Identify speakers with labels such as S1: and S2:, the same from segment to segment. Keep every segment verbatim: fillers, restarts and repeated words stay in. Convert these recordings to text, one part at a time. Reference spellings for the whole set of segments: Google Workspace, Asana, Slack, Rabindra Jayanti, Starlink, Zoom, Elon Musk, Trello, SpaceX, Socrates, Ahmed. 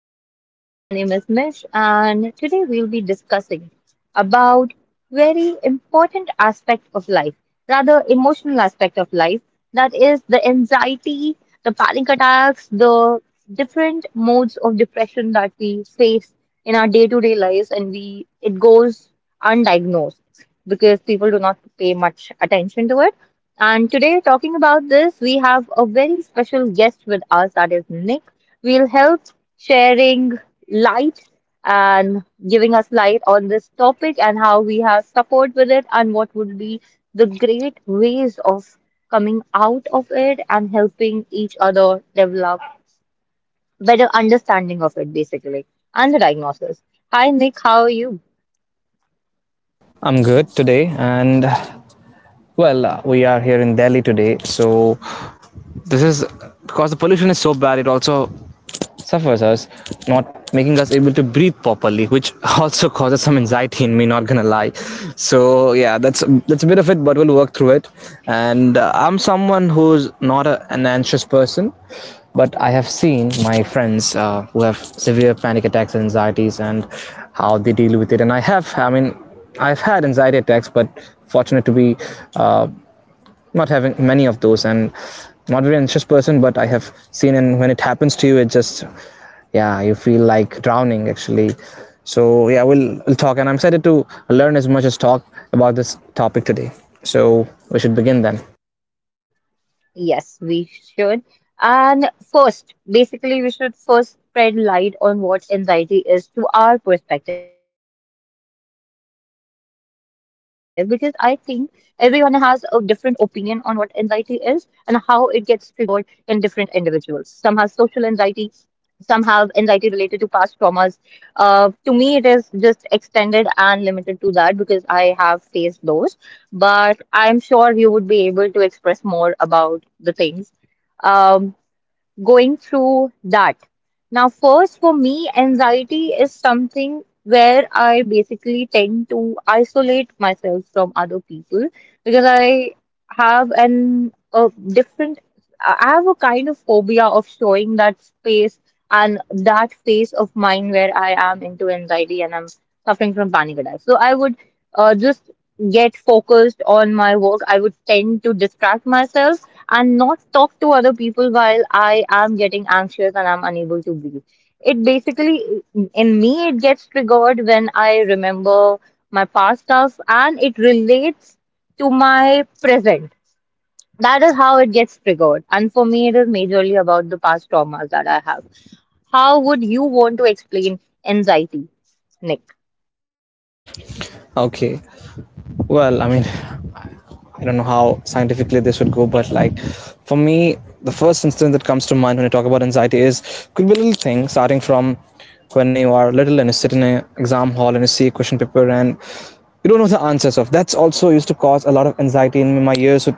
S1: podcast. My name is Mish and today we'll be discussing about very important aspect of life, rather emotional aspect of life that is the anxiety, the panic attacks, the different modes of depression that we face in our day-to-day lives and we it goes undiagnosed because people do not pay much attention to it. And today, talking about this, we have a very special guest with us that is Nick. We'll help sharing light and giving us light on this topic and how we have support with it and what would be the great ways of coming out of it and helping each other develop better understanding of it basically and the diagnosis. Hi Nick, how are you?
S2: I'm good today, and well, we are here in Delhi today. So This is because the pollution is so bad. It also suffers us, not making us able to breathe properly, which also causes some anxiety in me. Not gonna lie. So yeah, that's that's a bit of it, but we'll work through it. And uh, I'm someone who's not a, an anxious person, but I have seen my friends uh, who have severe panic attacks and anxieties and how they deal with it. And I have, I mean, I've had anxiety attacks, but fortunate to be uh, not having many of those and not very anxious person, but I have seen, and when it happens to you, it just yeah, you feel like drowning actually. So yeah, we'll, we'll talk, and I'm excited to learn as much as talk about this topic today. So we should begin then.
S1: Yes, we should. And first, basically, we should first spread light on what anxiety is to our perspective, because I think everyone has a different opinion on what anxiety is and how it gets triggered in different individuals. Some have social anxiety, some have anxiety related to past traumas. Uh, to me, it is just extended and limited to that because I have faced those. But I'm sure you would be able to express more about the things. Um, Going through that. Now, first, for me, anxiety is something where I basically tend to isolate myself from other people because I have an a different, I have a kind of phobia of showing that space and that phase of mine where I am into anxiety and I'm suffering from panic attacks. So I would uh, just get focused on my work. I would tend to distract myself and not talk to other people while I am getting anxious and I'm unable to breathe. It basically, in me, it gets triggered when I remember my past stuff and it relates to my present. That is how it gets triggered. And for me, it is majorly about the past traumas that I have. How would you want to explain anxiety, Nick?
S2: Okay, well, I mean, I don't know how scientifically this would go, but like for me, the first instance that comes to mind when I talk about anxiety is could be a little thing starting from when you are little and you sit in an exam hall and you see a question paper and you don't know the answers of. That's also used to cause a lot of anxiety in me. My ears would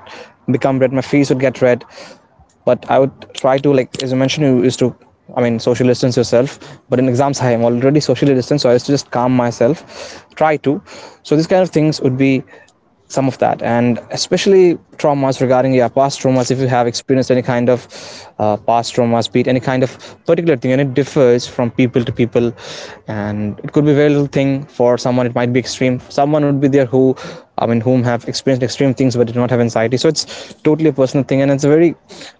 S2: become red, my face would get red, but I would try to, like as I mentioned, you used to, I mean, social distance yourself. But in exams, I am already socially distanced, so I used to just calm myself, try to. So these kind of things would be some of that, and especially traumas regarding your yeah, past traumas. If you have experienced any kind of uh, past traumas, be it any kind of particular thing, and it differs from people to people, and it could be very little thing. For someone it might be extreme. Someone would be there who, I mean, whom have experienced extreme things but did not have anxiety. So it's totally a personal thing, and it's a very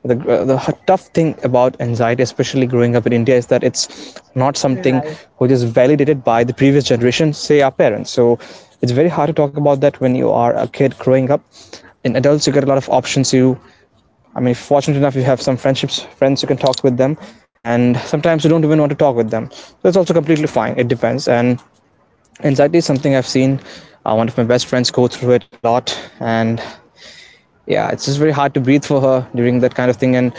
S2: the, uh, the tough thing about anxiety, especially growing up in India, is that it's not something
S1: Right.
S2: which is validated by the previous generation, say our parents. So it's very hard to talk about that when you are a kid growing up. In adults, you get a lot of options. You, I mean, fortunate enough, you have some friendships, friends you can talk with them, and sometimes you don't even want to talk with them, so that's also completely fine. It depends. And anxiety is something I've seen, uh, one of my best friends go through it a lot. And yeah, it's just very hard to breathe for her during that kind of thing, and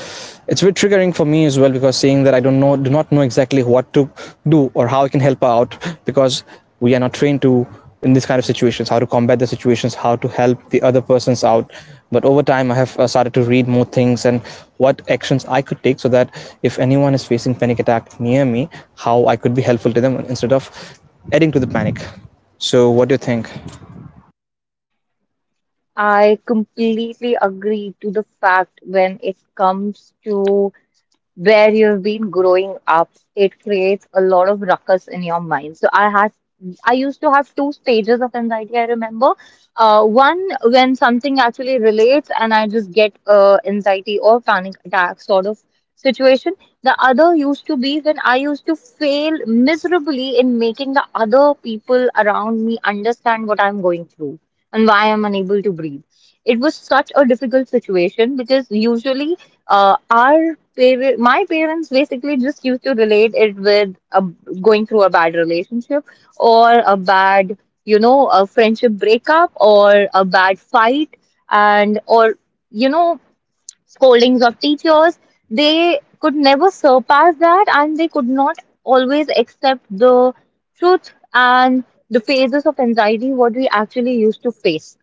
S2: it's very triggering for me as well because seeing that, I don't know, do not know exactly what to do or how I can help her out, because we are not trained to, in these kind of situations, how to combat the situations, how to help the other persons out. But over time, I have uh, started to read more things and what actions I could take so that if anyone is facing panic attack near me, how I could be helpful to them instead of adding to the panic. So, what do you think?
S1: I completely agree to the fact when it comes to where you've been growing up, it creates a lot of ruckus in your mind. So I had I used to have two stages of anxiety, I remember. Uh, one when something actually relates and I just get uh, anxiety or panic attack sort of situation. The other used to be when I used to fail miserably in making the other people around me understand what I'm going through and why I'm unable to breathe. It was such a difficult situation because usually uh, our par my parents basically just used to relate it with a, going through a bad relationship or a bad, you know, a friendship breakup or a bad fight and or, you know, scoldings of teachers. They could never surpass that and they could not always accept the truth and the phases of anxiety what we actually used to face.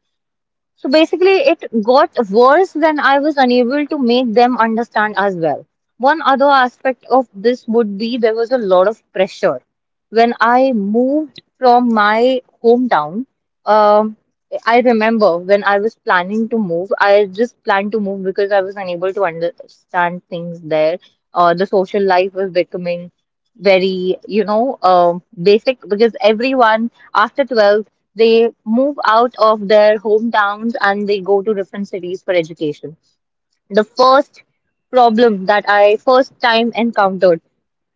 S1: So basically, it got worse than I was unable to make them understand as well. One other aspect of this would be there was a lot of pressure. When I moved from my hometown, um, I remember when I was planning to move, I just planned to move because I was unable to understand things there. Uh, the social life was becoming very, you know, um, basic because everyone after twelfth they move out of their hometowns and they go to different cities for education. The first problem that I first time encountered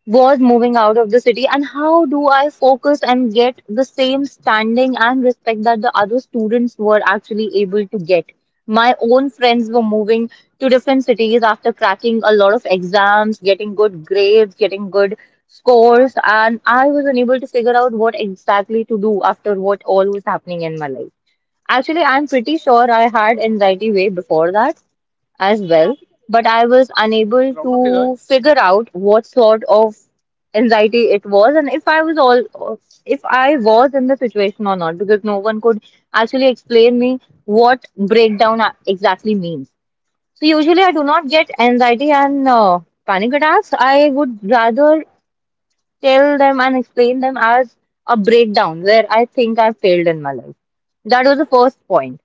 S1: was moving out of the city and how do I focus and get the same standing and respect that the other students were actually able to get. My own friends were moving to different cities after cracking a lot of exams, getting good grades, getting good scores, and I was unable to figure out what exactly to do after what all was happening in my life. Actually, I'm pretty sure I had anxiety way before that as well, but I was unable to figure out what sort of anxiety it was and if i was all if I was in the situation or not because no one could actually explain me what breakdown a- exactly means. So usually I do not get anxiety and uh, panic attacks, I would rather tell them and explain them as a breakdown where I think I failed in my life. That was the first point,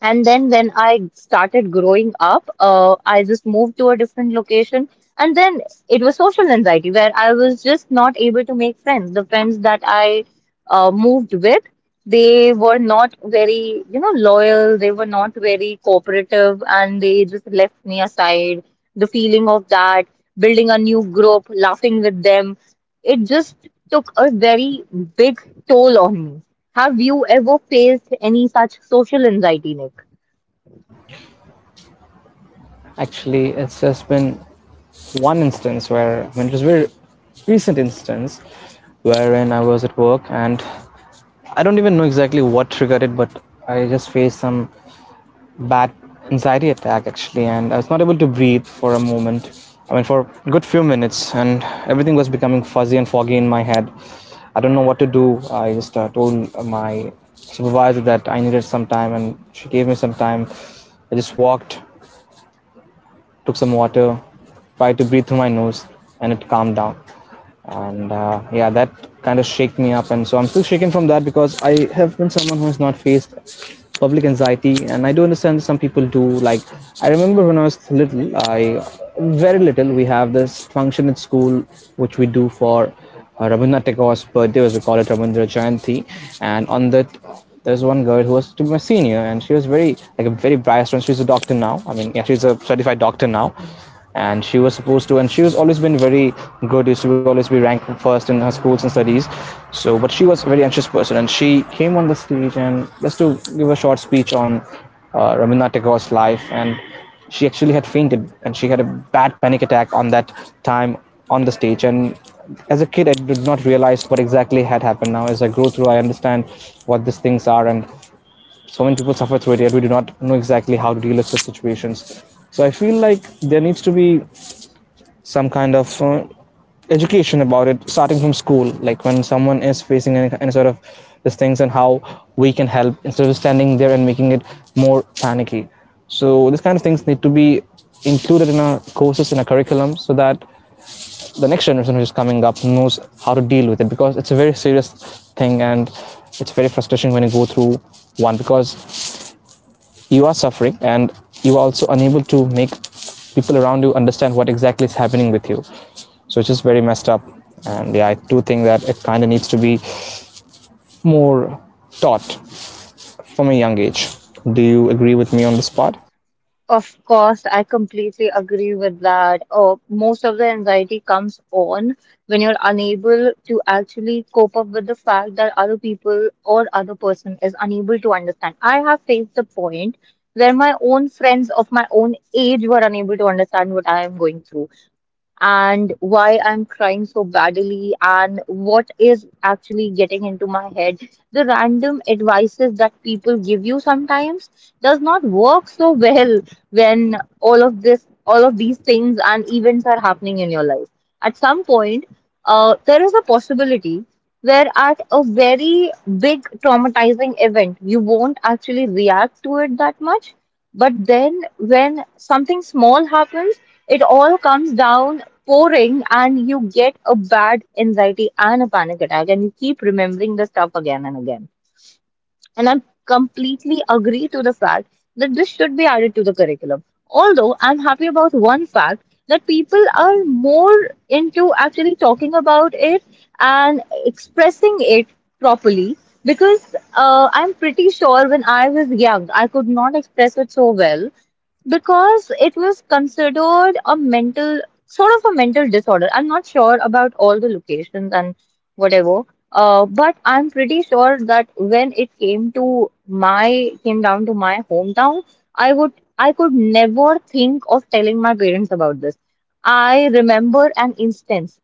S1: and then when I started growing up, uh, I just moved to a different location. And then it was social anxiety where I was just not able to make friends. The friends that I uh, moved with, they were not very, you know, loyal. They were not very cooperative and they just left me aside. The feeling of that, building a new group, laughing with them, it just took a very big toll on me. Have you ever faced any such social anxiety, Nick?
S2: Actually, it's just been one instance where, I mean, it was a very recent instance wherein I was at work and I don't even know exactly what triggered it, but I just faced some bad anxiety attack actually, and I was not able to breathe for a moment. I mean, for a good few minutes, and everything was becoming fuzzy and foggy in my head. I don't know what to do. I just uh, told my supervisor that I needed some time, and she gave me some time. I just walked, took some water, tried to breathe through my nose, and it calmed down. And uh, yeah, that kind of shook me up, and so I'm still shaken from that because I have been someone who has not faced public anxiety, and I do understand some people do. Like I remember when I was little, I very little, we have this function at school which we do for uh, Rabindranath Tagore's birthday, was recorded Rabindra Jayanti, and on that there's one girl who was to be my senior, and she was very like a very biased one. She's a doctor now. I mean, yeah, she's a certified doctor now, and she was supposed to, and she was always been very good. Used to always be ranked first in her schools and studies. So, but she was a very anxious person, and she came on the stage and just to give a short speech on uh, Ramana Tagore's life, and she actually had fainted and she had a bad panic attack on that time on the stage. And as a kid, I did not realize what exactly had happened. Now, as I grow through, I understand what these things are, and so many people suffer through it, yet we do not know exactly how to deal with such situations. So I feel like there needs to be some kind of uh, education about it starting from school, like when someone is facing any, any sort of these things and how we can help, instead of standing there and making it more panicky. So these kind of things need to be included in our courses, in our curriculum, so that the next generation which is coming up knows how to deal with it, because it's a very serious thing. And it's very frustrating when you go through one, because you are suffering, and you are also unable to make people around you understand what exactly is happening with you. So it's just very messed up. And yeah, I do think that it kind of needs to be more taught from a young age. Do you agree with me on this part?
S1: Of course, I completely agree with that. Uh, most of the anxiety comes on when you're unable to actually cope up with the fact that other people or other person is unable to understand. I have faced the point where my own friends of my own age were unable to understand what I am going through, and why I'm crying so badly and what is actually getting into my head. The random advices that people give you sometimes does not work so well when all of this, all of these things and events are happening in your life. At some point, uh, there is a possibility where at a very big traumatizing event, you won't actually react to it that much, but then when something small happens, it all comes down pouring and you get a bad anxiety and a panic attack and you keep remembering the stuff again and again. And I completely agree to the fact that this should be added to the curriculum. Although I'm happy about one fact that people are more into actually talking about it and expressing it properly, because uh, I'm pretty sure when I was young, I could not express it so well because it was considered a mental sort of a mental disorder. I'm not sure about all the locations and whatever. Uh, but I'm pretty sure that when it came to my came down to my hometown, I would I could never think of telling my parents about this. I remember an instance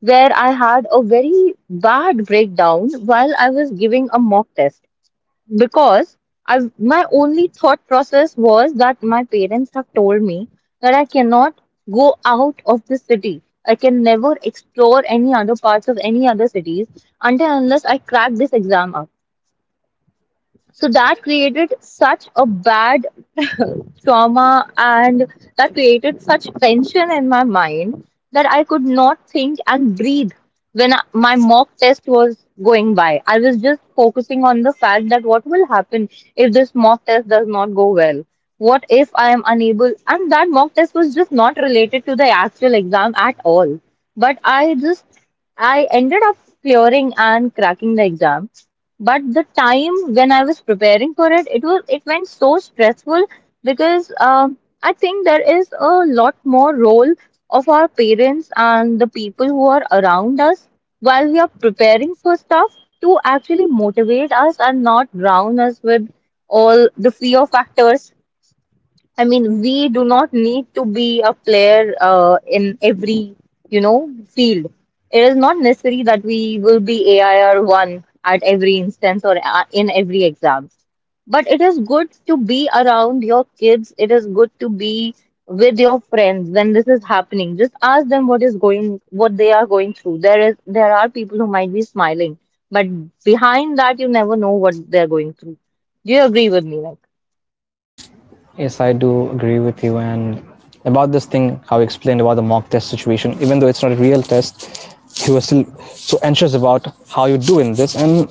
S1: where I had a very bad breakdown while I was giving a mock test because I my only thought process was that my parents have told me that I cannot go out of the city. I can never explore any other parts of any other cities until unless I crack this exam up, so that created such a bad trauma and that created such tension in my mind that I could not think and breathe when I, my mock test was going by. I was just focusing on the fact that what will happen if this mock test does not go well? What if I am unable? And that mock test was just not related to the actual exam at all. But I just, I ended up clearing and cracking the exam, but the time when I was preparing for it, it was it went so stressful because, um I think there is a lot more role of our parents and the people who are around us while we are preparing for stuff to actually motivate us and not drown us with all the fear factors. I mean, we do not need to be a player uh, in every, you know, field. It is not necessary that we will be A I R one at every instance or a- in every exam. But it is good to be around your kids. It is good to be with your friends when this is happening. Just ask them what is going, what they are going through. There is, there are people who might be smiling, but behind that, you never know what they're going through. Do you agree with me,
S2: Yes, I do agree with you. And about this thing, how you explained about the mock test situation, even though it's not a real test, you were still so anxious about how you do in this. And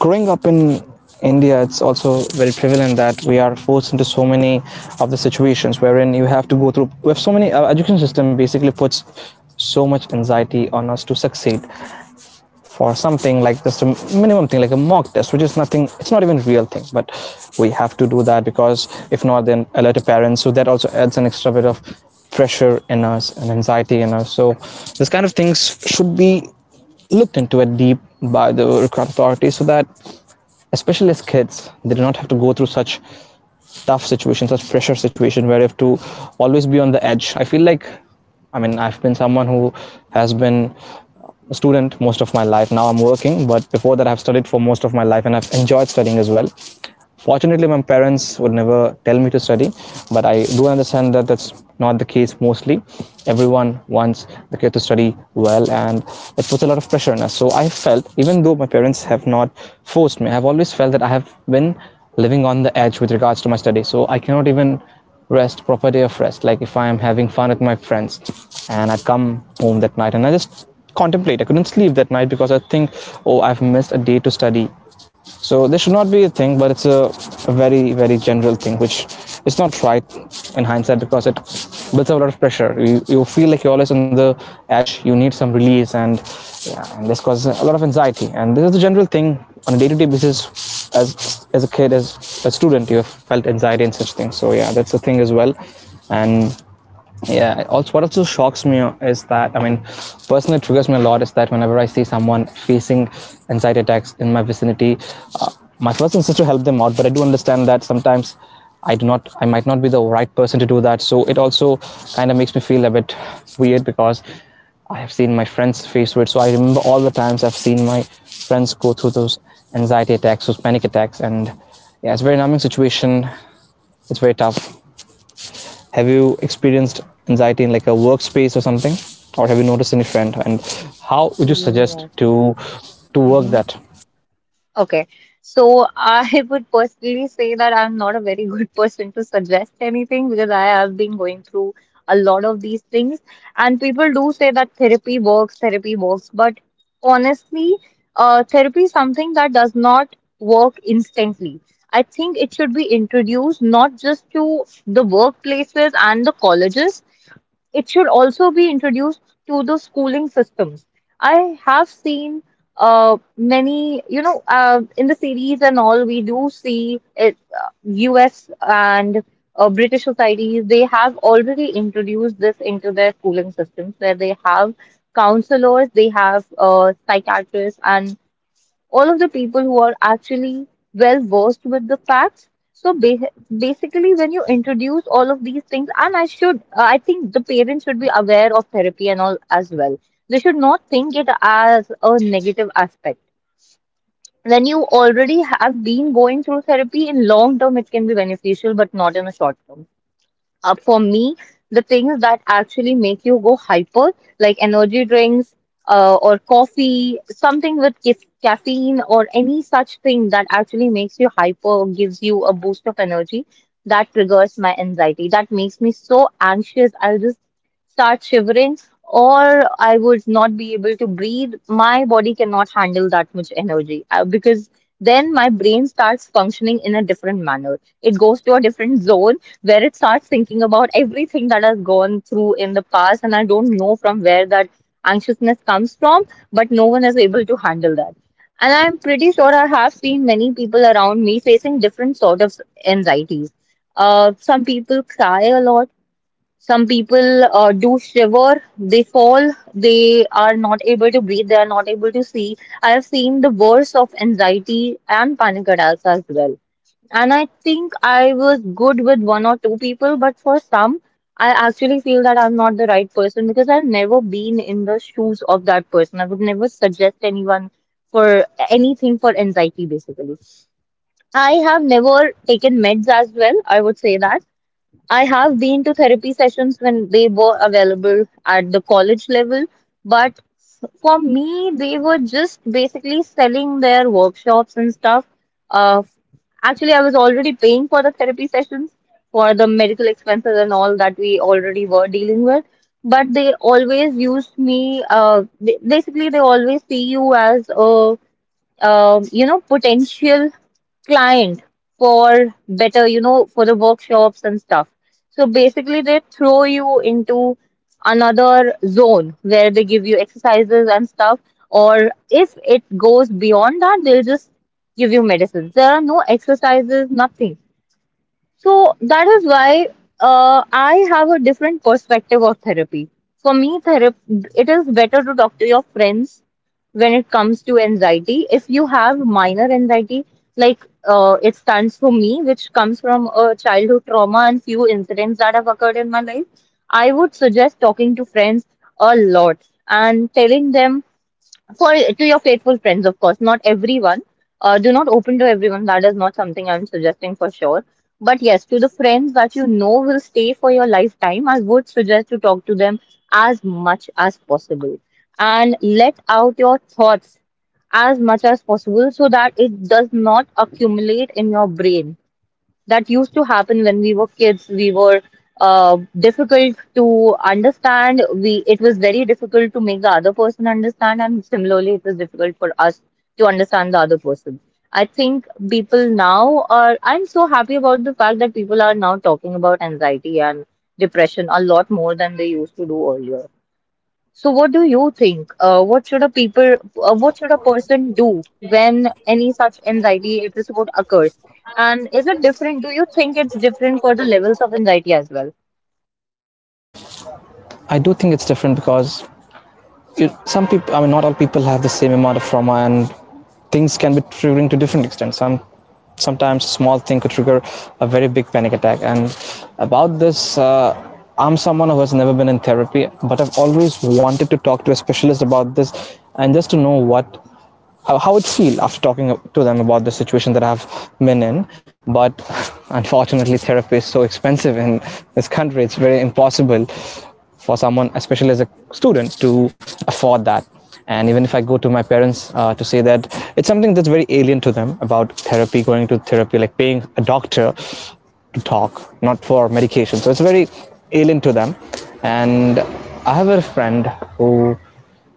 S2: growing up in India, it's also very prevalent that we are forced into so many of the situations wherein you have to go through. We have so many. Our education system basically puts so much anxiety on us to succeed for something like just a minimum thing, like a mock test which is nothing, it's not even a real thing, but we have to do that because if not then alert the parents. So that also adds an extra bit of pressure in us and anxiety in us. So this kind of things should be looked into at deep by the required authorities so that especially as kids, they do not have to go through such tough situations, such pressure situation, where you have to always be on the edge. I feel like, I mean, I've been someone who has been a student most of my life. Now I'm working, but before that I've studied for most of my life, and I've enjoyed studying as well. Fortunately, my parents would never tell me to study, but I do understand that that's not the case mostly. Everyone wants the kid to study well, and it puts a lot of pressure on us. So I felt, even though my parents have not forced me, I've always felt that I have been living on the edge with regards to my study. So I cannot even rest, proper day of rest. Like if I am having fun with my friends and I come home that night, and I just contemplate. I couldn't sleep that night because I think, oh, I've missed a day to study. So this should not be a thing, but it's a, a very very general thing, which is not right in hindsight, because it builds up a lot of pressure. You, you feel like you're always on the edge. You need some release, and, yeah, and this causes a lot of anxiety. And this is the general thing on a day-to-day basis. As as a kid, as a student, you have felt anxiety and such things. So yeah, that's the thing as well. And yeah. Also, what also shocks me is that, I mean, personally triggers me a lot, is that whenever I see someone facing anxiety attacks in my vicinity, uh, my first instinct is to help them out. But I do understand that sometimes I do not, I might not be the right person to do that. So it also kind of makes me feel a bit weird, because I have seen my friends face it. So I remember all the times I've seen my friends go through those anxiety attacks, those panic attacks, and yeah, it's a very numbing situation. It's very tough. Have you experienced anxiety in, like, a workspace or something, or have you noticed any trend, and how would you suggest
S1: like?
S2: to to work
S1: Yes.
S2: that?
S1: Okay, so I would personally say that I'm not a very good person to suggest anything because I have been going through a lot of these things. And people do say that therapy works, therapy works. But honestly, uh, therapy is something that does not work instantly. I think it should be introduced not just to the workplaces and the colleges, it should also be introduced to the schooling systems. I have seen uh, many, you know, uh, in the series and all, we do see it, uh, U S and uh, British societies, they have already introduced this into their schooling systems where they have counselors, they have uh, psychiatrists, and all of the people who are actually well versed with the facts. So ba- basically, when you introduce all of these things, and I should, I think the parents should be aware of therapy and all as well. They should not think it as a negative aspect. When you already have been going through therapy, in long term it can be beneficial, but not in a short term. Uh, for me, the things that actually make you go hyper, like energy drinks uh, or coffee, something with ca- caffeine or any such thing that actually makes you hyper, or gives you a boost of energy, that triggers my anxiety. That makes me so anxious. I'll just start shivering, or I would not be able to breathe. My body cannot handle that much energy uh, because then my brain starts functioning in a different manner. It goes to a different zone where it starts thinking about everything that has gone through in the past, and I don't know from where that anxiousness comes from, but no one is able to handle that. And I'm pretty sure I have seen many people around me facing different sort of anxieties. Uh, some people cry a lot, some people uh, do shiver, they fall, they are not able to breathe, they are not able to see. I have seen the worst of anxiety and panic attacks as well. And I think I was good with one or two people, but for some, I actually feel that I'm not the right person because I've never been in the shoes of that person. I would never suggest anyone for anything for anxiety, basically. I have never taken meds as well, I would say that. I have been to therapy sessions when they were available at the college level, but for me, they were just basically selling their workshops and stuff. Uh, Actually, I was already paying for the therapy sessions for the medical expenses and all that we already were dealing with. But they always used me, uh, ba- basically, they always see you as a, um, you know, potential client for better, you know, for the workshops and stuff. So basically, they throw you into another zone where they give you exercises and stuff, or if it goes beyond that, they'll just give you medicines. There are no exercises, nothing. So that is why uh, I have a different perspective of therapy. For me, therapy, it is better to talk to your friends when it comes to anxiety. If you have minor anxiety, like, uh, it stands for me, which comes from a childhood trauma and few incidents that have occurred in my life, I would suggest talking to friends a lot and telling them for, to your faithful friends, of course not everyone. Uh, do not open to everyone, that is not something I'm suggesting for sure. But yes, to the friends that you know will stay for your lifetime, I would suggest to talk to them as much as possible and let out your thoughts as much as possible so that it does not accumulate in your brain. That used to happen when we were kids. We were uh, difficult to understand. We It was very difficult to make the other person understand, and similarly, it was difficult for us to understand the other person. I think people now are. I'm so happy about the fact that people are now talking about anxiety and depression a lot more than they used to do earlier. So, what do you think? Uh, what should a people, uh, what should a person do when any such anxiety episode occurs? And is it different? Do you think it's different for the levels of anxiety as well?
S2: I do think it's different because it, some people, I mean, not all people have the same amount of trauma, and things can be triggering to different extent. Some sometimes a small thing could trigger a very big panic attack. And about this, uh, I'm someone who has never been in therapy, but I've always wanted to talk to a specialist about this, and just to know what how, it feel after talking to them about the situation that I've been in. But unfortunately, therapy is so expensive in this country. It's very impossible for someone, especially as a student, to afford that. And even if I go to my parents, uh, to say that it's something that's very alien to them about therapy, going to therapy, like paying a doctor to talk, not for medication. So it's very alien to them. And I have a friend who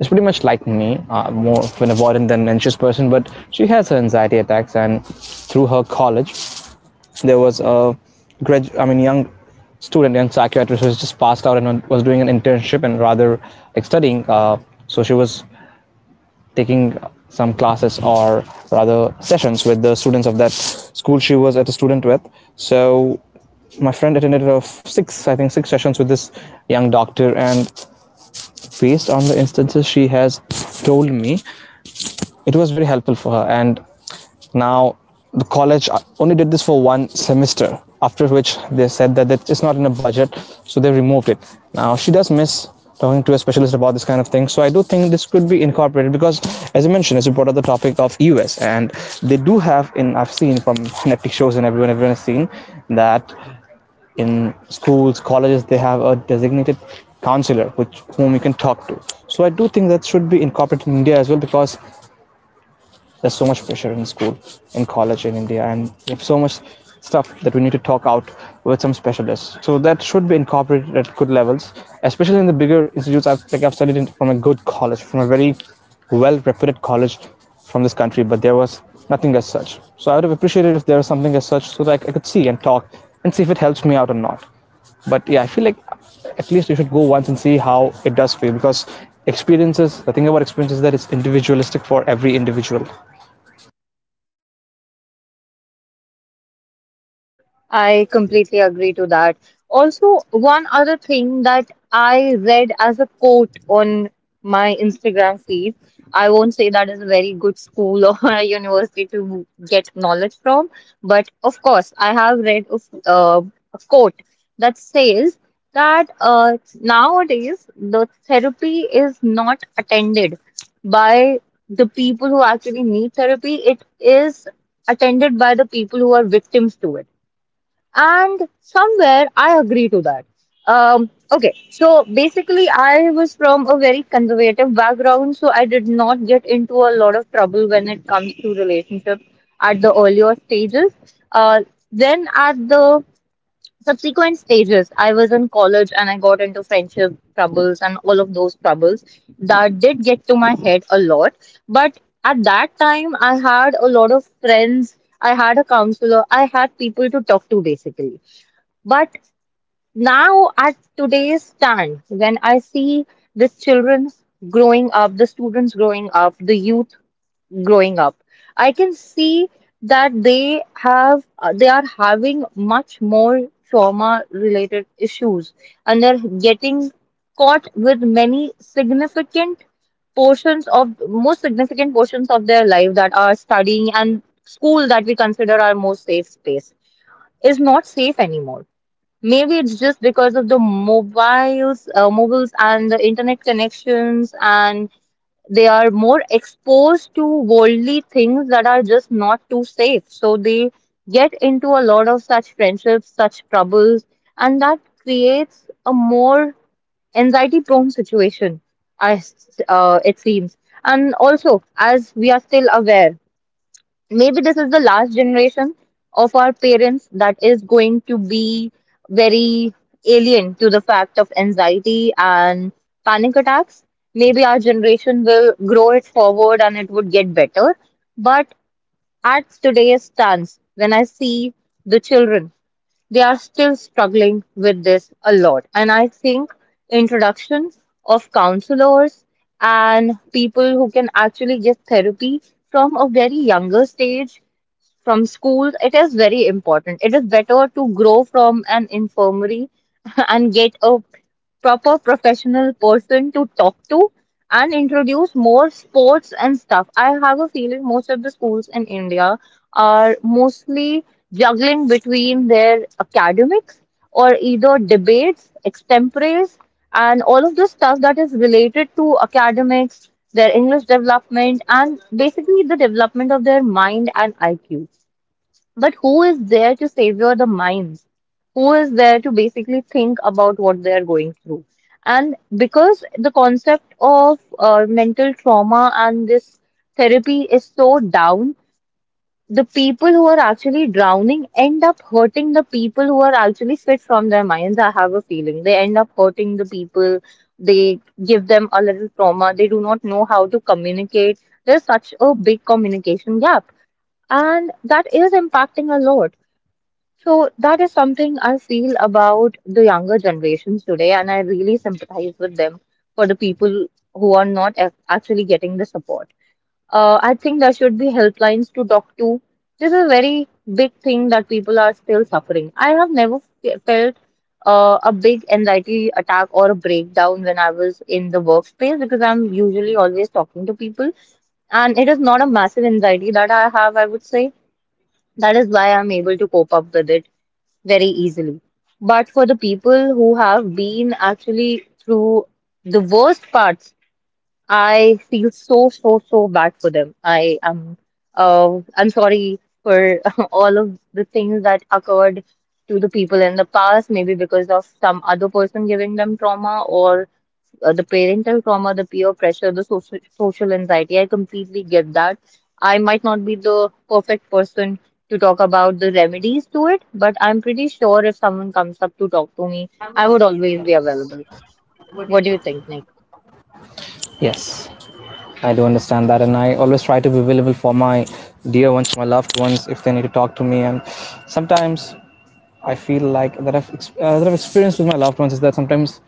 S2: is pretty much like me, uh, more of an avoidant than an anxious person, but she has her anxiety attacks. And through her college, there was a grad, I mean, young student, young psychiatrist who was just passed out and was doing an internship and rather like studying. Uh, so she was taking some classes, or rather sessions, with the students of that school she was at a student with. So my friend attended of six, I think six sessions with this young doctor, and based on the instances she has told me, it was very helpful for her. And now the college only did this for one semester, after which they said that it's not in a budget, so they removed it. Now she does miss talking to a specialist about this kind of thing, so I do think this could be incorporated because, as I mentioned, as you brought up the topic of us, and they do have in, I've seen from Netflix shows, and everyone everyone has seen that in schools, colleges, they have a designated counselor which whom you can talk to. So I do think that should be incorporated in India as well, because there's so much pressure in school, in college in India, and so much stuff that we need to talk out with some specialists, so that should be incorporated at good levels, especially in the bigger institutes i've like i've studied in, from a good college, from a very well reputed college from this country. But there was nothing as such, so I would have appreciated if there was something as such, so that I could see and talk and see if it helps me out or not. But yeah, I feel like at least you should go once and see how it does for you, because experiences, the thing about experiences is that it's individualistic for every individual.
S1: I completely agree to that. Also, one other thing that I read as a quote on my Instagram feed, I won't say that is a very good school or a university to get knowledge from, but of course, I have read a, f- uh, a quote that says that, uh, nowadays the therapy is not attended by the people who actually need therapy, it is attended by the people who are victims to it, and somewhere I agree to that. Um, okay, so basically, I was from a very conservative background, so I did not get into a lot of trouble when it comes to relationships at the earlier stages. Uh, then at the subsequent stages, I was in college and I got into friendship troubles and all of those troubles that did get to my head a lot. But at that time, I had a lot of friends, I had a counselor. I had people to talk to basically. But now, at today's time, when I see the children growing up, the students growing up, the youth growing up, I can see that they have uh, they are having much more trauma related issues, and they're getting caught with many significant portions, of most significant portions of their life, that are studying and school, that we consider our most safe space, is not safe anymore. Maybe it's just because of the mobiles, uh, mobiles and the internet connections, and they are more exposed to worldly things that are just not too safe. So they get into a lot of such friendships, such troubles, and that creates a more anxiety-prone situation, I s uh, it seems. And also, as we are still aware, maybe this is the last generation of our parents that is going to be very alien to the fact of anxiety and panic attacks. Maybe our generation will grow it forward and it would get better. But at today's stance, when I see the children, they are still struggling with this a lot. And I think introduction of counselors and people who can actually get therapy from a very younger stage, from schools, it is very important. It is better to grow from an infirmary and get a proper professional person to talk to and introduce more sports and stuff. I have a feeling most of the schools in India are mostly juggling between their academics or either debates, extemporaries, and all of the stuff that is related to academics, their English development, and basically the development of their mind and I Q. But who is there to savior the minds? Who is there to basically think about what they are going through? And because the concept of uh, mental trauma and this therapy is so down, the people who are actually drowning end up hurting the people who are actually fit from their minds. I have a feeling they end up hurting the people. They give them a little trauma. They do not know how to communicate. There's such a big communication gap, and that is impacting a lot. So that is something I feel about the younger generations today, and I really sympathize with them, for the people who are not ac- actually getting the support. Uh, I think there should be helplines to talk to. This is a very big thing that people are still suffering. I have never f felt uh, a big anxiety attack or a breakdown when I was in the workspace because I'm usually always talking to people. And it is not a massive anxiety that I have, I would say. That is why I'm able to cope up with it very easily. But for the people who have been actually through the worst parts, I feel so, so, so bad for them. I am, uh, I'm sorry for all of the things that occurred to the people in the past, maybe because of some other person giving them trauma or uh, the parental trauma, the peer pressure, the social social anxiety. I completely get that. I might not be the perfect person to talk about the remedies to it, but I'm pretty sure if someone comes up to talk to me, I would always be available. What do you think,
S2: Yes, I do understand that, and I always try to be available for my dear ones, my loved ones, if they need to talk to me. And sometimes I feel like that I've ex- uh, that I've experienced with my loved ones is that sometimes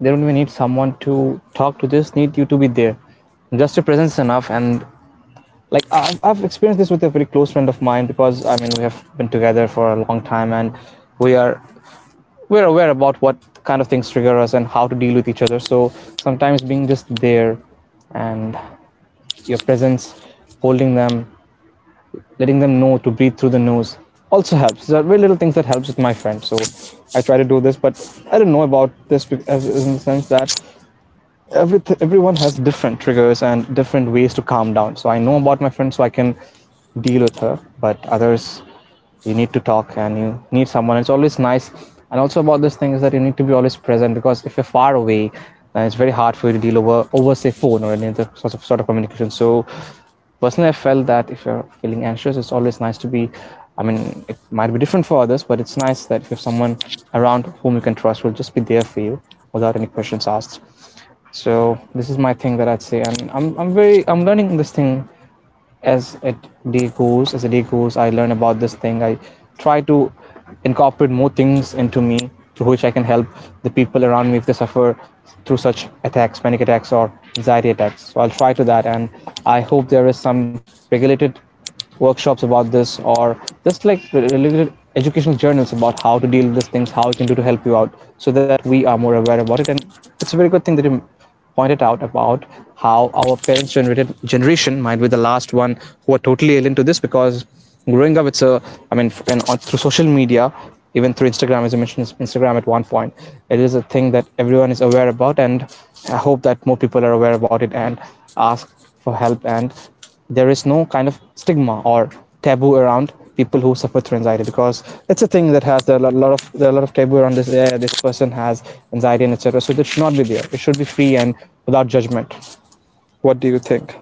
S2: they don't even need someone to talk to, just need you to be there. Just your presence is enough. And like I've, I've experienced this with a very close friend of mine, because I mean, we have been together for a long time, and we are we're aware about what kind of things trigger us and how to deal with each other. So sometimes being just there, and your presence, holding them, letting them know to breathe through the nose also helps. There are very little things that helps with my friend. So I try to do this, but I don't know about this, as in the sense that everything everyone has different triggers and different ways to calm down, so I know about my friend, so I can deal with her. But others, you need to talk and you need someone, it's always nice. And also about this thing is that you need to be always present, because if you're far away, then it's very hard for you to deal over over say phone or any other sort of sort of communication. So personally, I felt that if you're feeling anxious, it's always nice to be, I mean, it might be different for others, but it's nice that if you have someone around whom you can trust will just be there for you without any questions asked. So this is my thing that I'd say, and I'm I'm very I'm learning this thing as a day goes. As a day goes, I learn about this thing. I try to incorporate more things into me through which I can help the people around me if they suffer through such attacks, panic attacks, or anxiety attacks. So I'll try to that, and I hope there is some regulated workshops about this, or just like related educational journals about how to deal with these things, how you can do to help you out, so that we are more aware about it. And it's a very good thing that you pointed out about how our parents generated generation might be the last one who are totally alien to this, because growing up it's a, I mean, and on, through social media, even through Instagram, as I mentioned Instagram at one point, it is a thing that everyone is aware about. And I hope that more people are aware about it and ask for help, and there is no kind of stigma or taboo around people who suffer through anxiety, because it's a thing that has there a lot of, there are a lot of taboo around this, yeah, this person has anxiety and etc. So that should not be there, it should be free and without judgment. What do you think?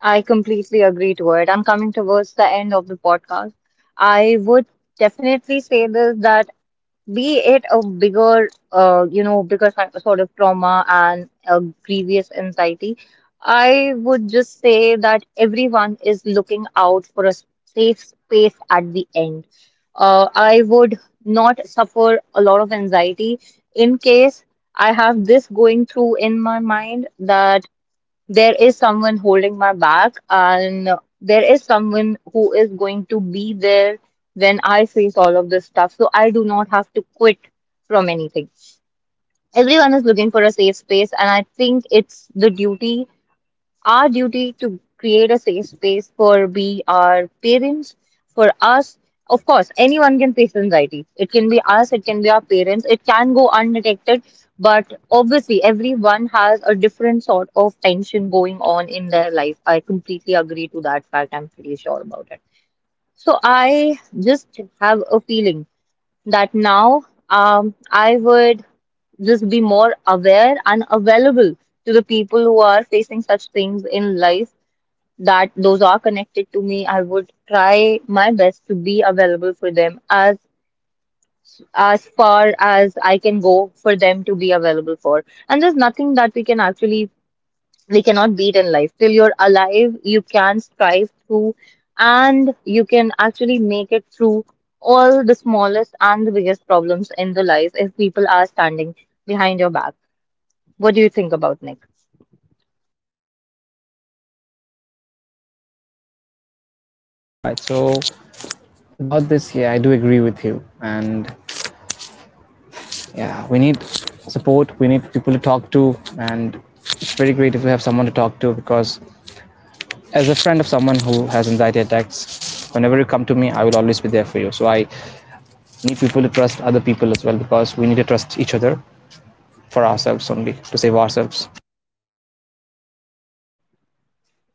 S1: I completely agree to it. I'm coming towards the end of the podcast. I would definitely say this, that be it a bigger, uh, you know, bigger si- sort of trauma and a grievous anxiety, I would just say that everyone is looking out for a safe space at the end. Uh, I would not suffer a lot of anxiety in case I have this going through in my mind that there is someone holding my back and there is someone who is going to be there when I face all of this stuff. So I do not have to quit from anything. Everyone is looking for a safe space, and I think it's the duty our duty to create a safe space for we our parents, for us. Of course, anyone can face anxiety, it can be us, it can be our parents, it can go undetected. But obviously, everyone has a different sort of tension going on in their life. I completely agree to that fact, I'm pretty sure about it. So I just have a feeling that now, um, I would just be more aware and available to the people who are facing such things in life, that those are connected to me, I would try my best to be available for them as as far as I can go for them to be available for. And there's nothing that we can actually we cannot beat in life. Till you're alive, you can strive through and you can actually make it through all the smallest and the biggest problems in the life if people are standing behind your back. What do you think about Nick?
S2: All right, so about this, yeah, I do agree with you, and yeah, we need support, we need people to talk to, and it's very great if we have someone to talk to, because as a friend of someone who has anxiety attacks, whenever you come to me, I will always be there for you. So I need people to trust other people as well, because we need to trust each other for ourselves, only to save ourselves.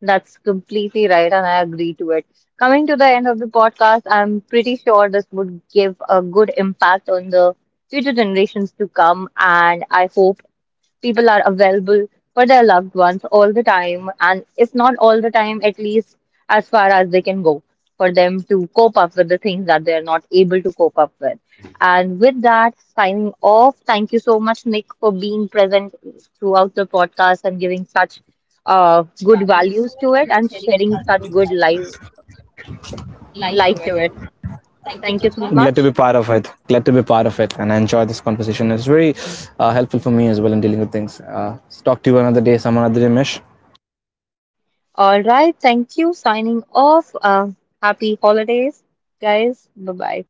S1: That's completely right, and I agree to it. Coming to the end of the podcast, I'm pretty sure this would give a good impact on the future generations to come, and I hope people are available for their loved ones all the time, and if not all the time, at least as far as they can go for them to cope up with the things that they're not able to cope up with. And with that, signing off. Thank you so much, Nick, for being present throughout the podcast and giving such uh, good values to it and sharing such good life light to it. Thank you so
S2: Glad to be
S1: much.
S2: part of it, glad to be part of it, and I enjoy this conversation. It's very uh, helpful for me as well in dealing with things. Uh, talk to you another day, some another day, Mesh.
S1: All right, thank you. Signing off. Uh, happy holidays, guys. Bye bye.